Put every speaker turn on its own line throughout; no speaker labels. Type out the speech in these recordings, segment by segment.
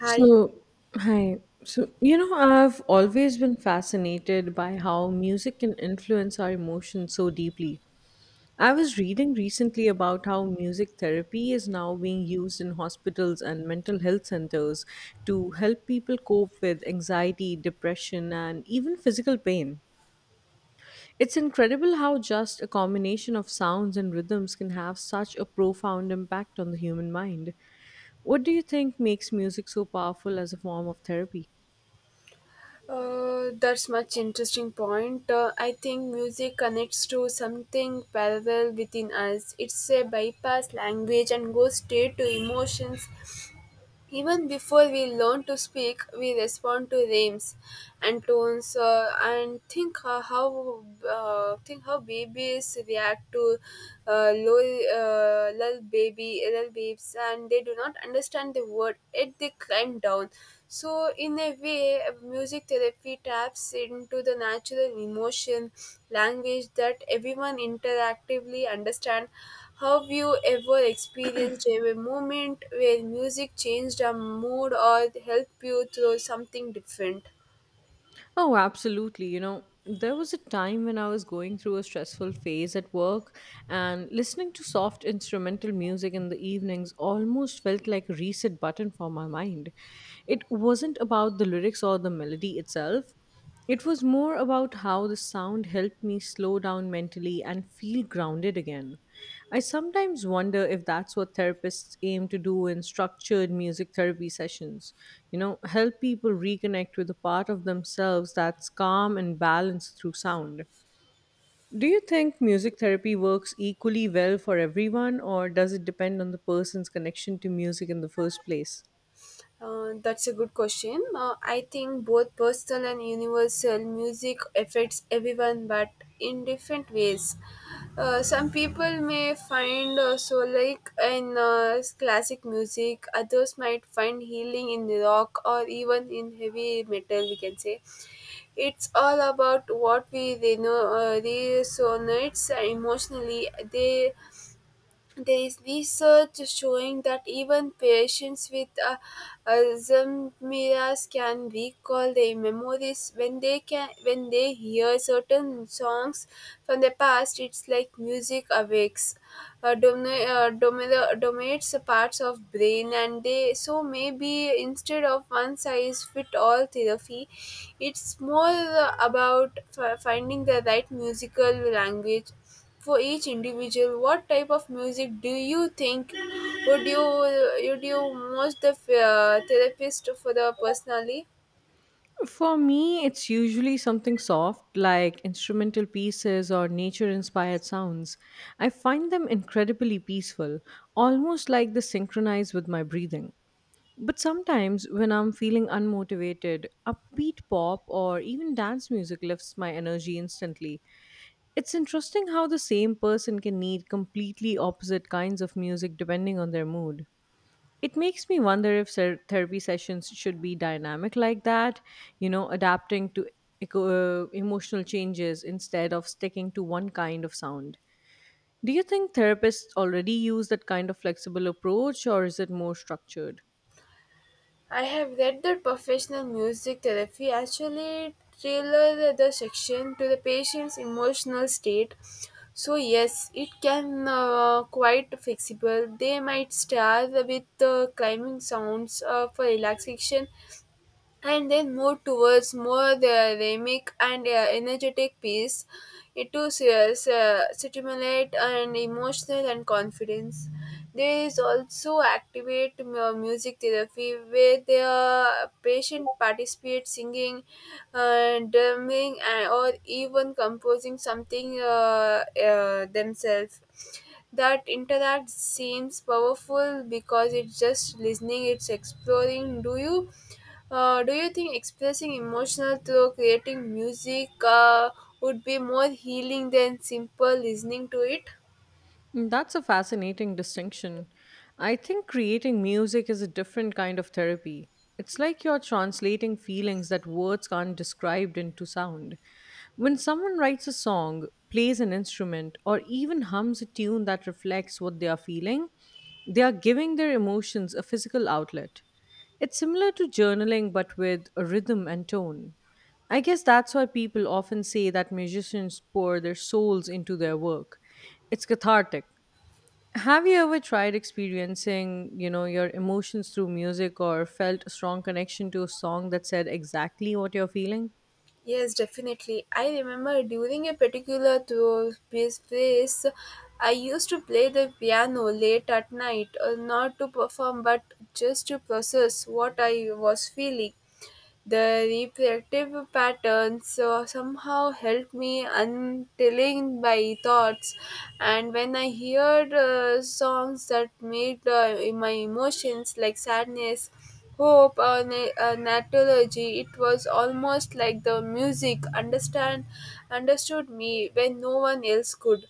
Hi.
So, hi. So, you know, I've always been fascinated by how music can influence our emotions so deeply. I was reading recently about how music therapy is now being used in hospitals and mental health centers to help people cope with anxiety, depression, and even physical pain. It's incredible how just a combination of sounds and rhythms can have such a profound impact on the human mind. What do you think makes music so powerful as a form of therapy?
That's much interesting point. I think music connects to something parallel within us. It's a bypass language and goes straight to emotions. Even before we learn to speak, we respond to rhymes and tones, and think how babies react to lull babes, and they do not understand the word. Yet they climb down. So in a way, music therapy taps into the natural emotion language that everyone interactively understand. Have you ever experienced a moment where music changed a mood or helped you through something different?
Oh, absolutely. You know, there was a time when I was going through a stressful phase at work, and listening to soft instrumental music in the evenings almost felt like a reset button for my mind. It wasn't about the lyrics or the melody itself. It was more about how the sound helped me slow down mentally and feel grounded again. I sometimes wonder if that's what therapists aim to do in structured music therapy sessions. You know, help people reconnect with a part of themselves that's calm and balanced through sound. Do you think music therapy works equally well for everyone, or does it depend on the person's connection to music in the first place?
That's a good question. I think both personal and universal music affects everyone, but in different ways. Some people may find so like in classic music, others might find healing in rock or even in heavy metal. We can say it's all about what we resonates emotionally. There is research showing that even patients with Alzheimer's can recall their memories when they hear certain songs from the past. It's like music awakes dominates parts of brain, and they so maybe instead of one size fit all therapy, it's more about finding the right musical language for each individual. What type of music do you think would you would you most the therapist for the personally?
For me, it's usually something soft like instrumental pieces or nature inspired sounds. I find them incredibly peaceful, almost like they synchronize with my breathing. But sometimes, when I'm feeling unmotivated, upbeat pop or even dance music lifts my energy instantly. It's interesting how the same person can need completely opposite kinds of music depending on their mood. It makes me wonder if therapy sessions should be dynamic like that, you know, adapting to emotional changes instead of sticking to one kind of sound. Do you think therapists already use that kind of flexible approach or is it more structured?
I have read that professional music therapy actually tailor the section to the patient's emotional state. So yes, it can quite flexible. They might start with climbing sounds for relaxation, and then move towards more the rhythmic and energetic piece. It to stimulate and emotional and confidence. There is also activate music therapy where the patient participates singing, drumming, and, or even composing something themselves. That interact seems powerful because it's just listening, it's exploring. Do you think expressing emotional through creating music would be more healing than simple listening to it?
Mm, that's a fascinating distinction. I think creating music is a different kind of therapy. It's like you're translating feelings that words can't describe into sound. When someone writes a song, plays an instrument, or even hums a tune that reflects what they are feeling, they are giving their emotions a physical outlet. It's similar to journaling but with a rhythm and tone. I guess that's why people often say that musicians pour their souls into their work. It's cathartic. Have you ever tried experiencing, you know, your emotions through music or felt a strong connection to a song that said exactly what you're feeling?
Yes, definitely. I remember during a particular through phase, I used to play the piano late at night, not to perform but just to process what I was feeling. The reflective patterns somehow help me untilling my thoughts, and when I heard songs that made my emotions like sadness, hope, or natology, it was almost like the music understand understood me when no one else could.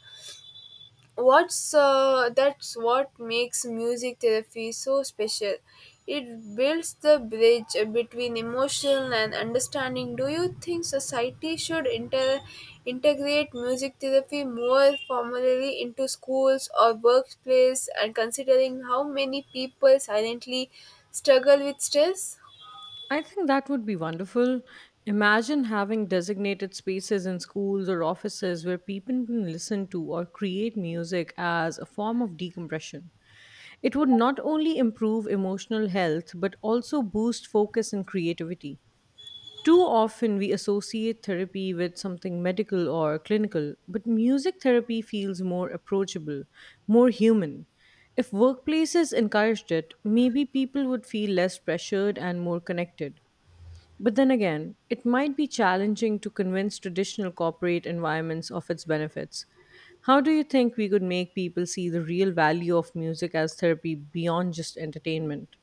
What's That's what makes music therapy so special. It builds the bridge between emotion and understanding. Do you think society should integrate music therapy more formally into schools or workplace, and considering how many people silently struggle with stress?
I think that would be wonderful. Imagine having designated spaces in schools or offices where people can listen to or create music as a form of decompression. It would not only improve emotional health but also boost focus and creativity. Too often we associate therapy with something medical or clinical, but music therapy feels more approachable, more human. If workplaces encouraged it, maybe people would feel less pressured and more connected. But then again, it might be challenging to convince traditional corporate environments of its benefits. How do you think we could make people see the real value of music as therapy beyond just entertainment?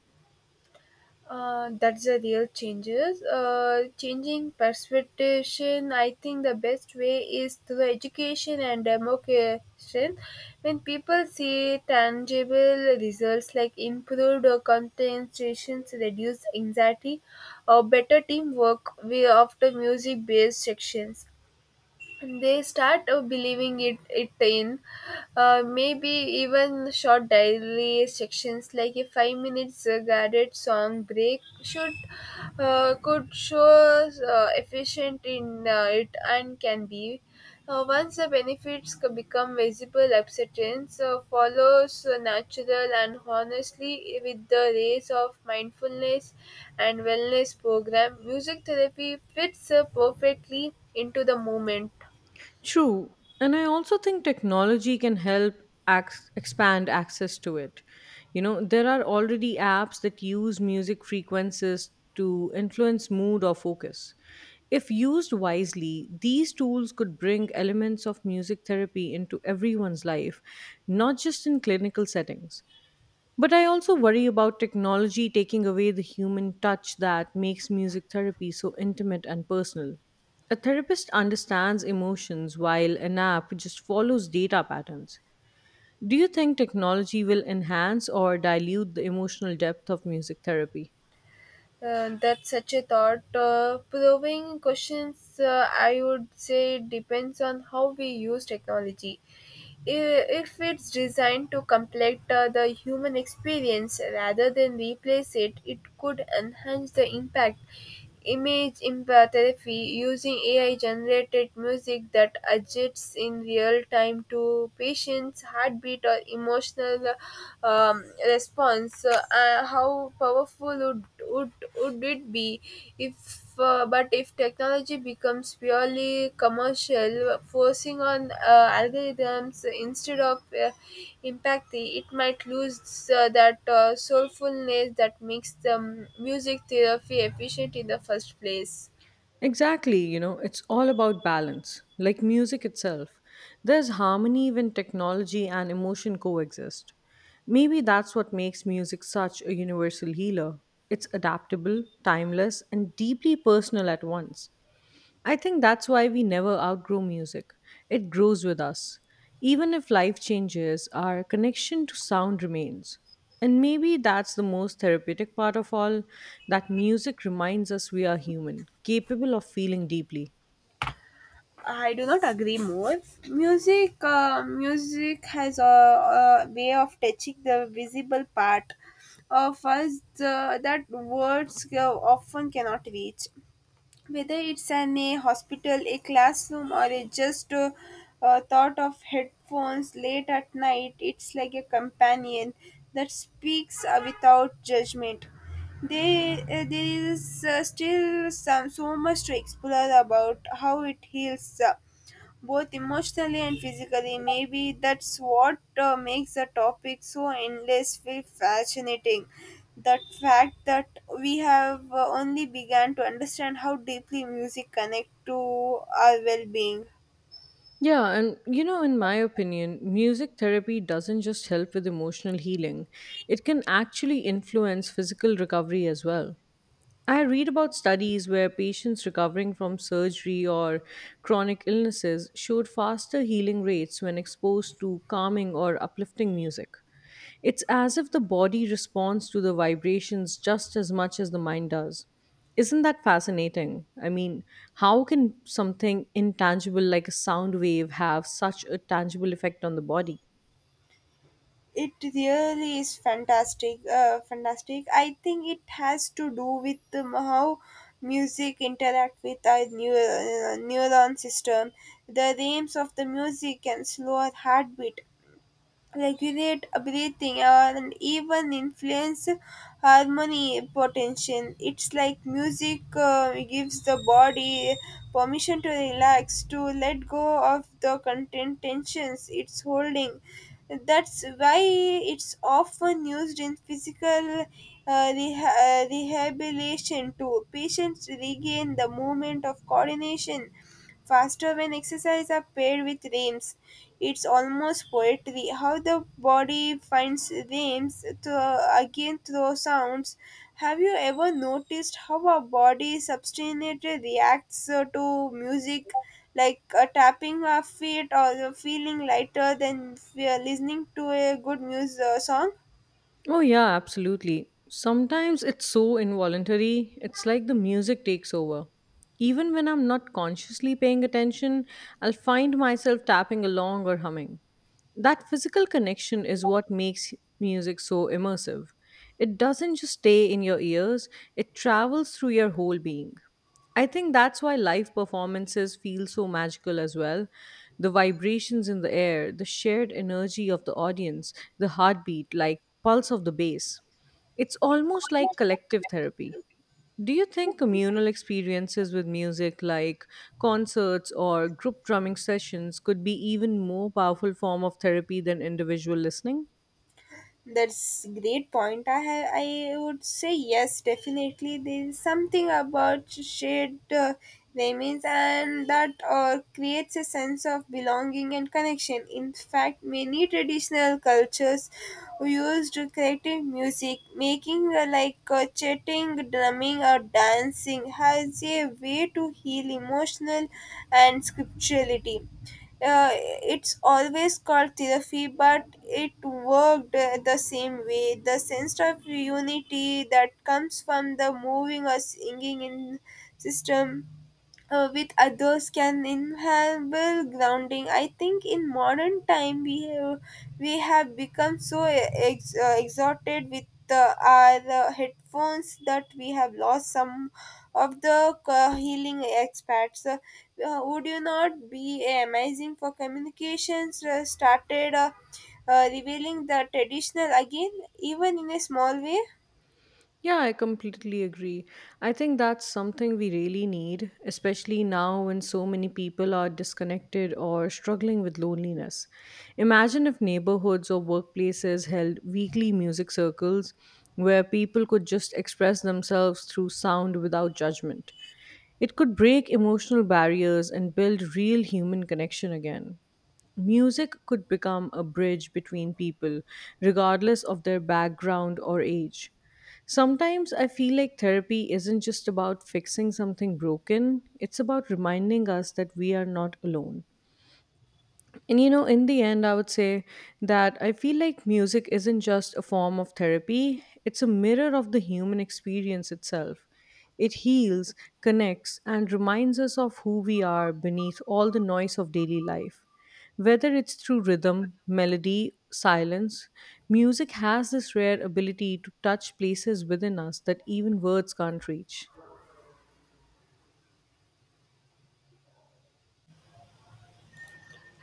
That's the real changes. Changing perception, I think the best way is through education and democratization. When people see tangible results like improved concentrations, reduced anxiety, or better teamwork, we often music-based sections, they start believing it in. Maybe even short daily sections like a 5 minutes guided song break should could show efficient in it, and can be. Once the benefits become visible, acceptance follows natural, and honestly with the race of mindfulness and wellness program, music therapy fits perfectly into the moment.
True. And I also think technology can help expand access to it. You know, there are already apps that use music frequencies to influence mood or focus. If used wisely, these tools could bring elements of music therapy into everyone's life, not just in clinical settings. But I also worry about technology taking away the human touch that makes music therapy so intimate and personal. A therapist understands emotions while an app just follows data patterns. Do you think technology will enhance or dilute the emotional depth of music therapy?
That's such a thought proving questions. I would say depends on how we use technology. If it's designed to complete the human experience rather than replace it, it could enhance the impact image empathy, using AI generated music that adjusts in real time to patients' heartbeat or emotional response. So, how powerful would it be if? But if technology becomes purely commercial, forcing on algorithms instead of empathy, it might lose that soulfulness that makes the music therapy efficient in the first place.
Exactly, you know, it's all about balance, like music itself. There's harmony when technology and emotion coexist. Maybe that's what makes music such a universal healer. It's adaptable, timeless, and deeply personal at once. I think that's why we never outgrow music. It grows with us. Even if life changes, our connection to sound remains. And maybe that's the most therapeutic part of all, that music reminds us we are human, capable of feeling deeply.
I do not agree more. Music has a way of touching the visible part of us that words often cannot reach. Whether it's an a hospital, a classroom, or a just thought of headphones late at night, it's like a companion that speaks without judgment. There is still some so much to explore about how it heals both emotionally and physically. Maybe that's what makes the topic so endlessly fascinating. That fact that we have only begun to understand how deeply music connects to our well-being.
Yeah, and you know, in my opinion, music therapy doesn't just help with emotional healing, it can actually influence physical recovery as well. I read about studies where patients recovering from surgery or chronic illnesses showed faster healing rates when exposed to calming or uplifting music. It's as if the body responds to the vibrations just as much as the mind does. Isn't that fascinating? I mean, how can something intangible like a sound wave have such a tangible effect on the body?
It really is fantastic. I think it has to do with how music interact with our neuron system. The rhythms of the music can slow our heartbeat, regulate breathing, and even influence harmony potential. It's like music gives the body permission to relax, to let go of the content tensions it's holding. That's why it's often used in physical rehabilitation, to patients regain the moment of coordination faster when exercise are paired with rhythms. It's almost poetry. How the body finds rhythms to again through sounds. Have you ever noticed how our body substantially reacts to music, like tapping our feet or feeling lighter than we are listening to a good music song?
Oh, yeah, absolutely. Sometimes it's so involuntary, it's like the music takes over. Even when I'm not consciously paying attention, I'll find myself tapping along or humming. That physical connection is what makes music so immersive. It doesn't just stay in your ears, it travels through your whole being. I think that's why live performances feel so magical as well. The vibrations in the air, the shared energy of the audience, the heartbeat, like pulse of the bass. It's almost like collective therapy. Do you think communal experiences with music like concerts or group drumming sessions could be even more powerful form of therapy than individual listening?
That's great point. I would say yes, definitely. There is something about shared remains, and that creates a sense of belonging and connection. In fact, many traditional cultures used creative music, making like chatting, drumming, or dancing has a way to heal emotional and spirituality. uh, it's always called therapy but it worked the same way. The sense of unity that comes from the moving or singing in system with others can enable grounding. I think in modern time we have become so exhausted with our headphones that we have lost some of the healing experts. Would you not be amazing for communications started revealing the traditional again, even in a small way?
Yeah, I completely agree. I think that's something we really need, especially now when so many people are disconnected or struggling with loneliness. Imagine if neighborhoods or workplaces held weekly music circles where people could just express themselves through sound without judgment. It could break emotional barriers and build real human connection again. Music could become a bridge between people, regardless of their background or age. Sometimes I feel like therapy isn't just about fixing something broken, it's about reminding us that we are not alone. And you know, in the end, I would say that I feel like music isn't just a form of therapy, it's a mirror of the human experience itself. It heals, connects, and reminds us of who we are beneath all the noise of daily life. Whether it's through rhythm, melody, silence, music has this rare ability to touch places within us that even words can't reach.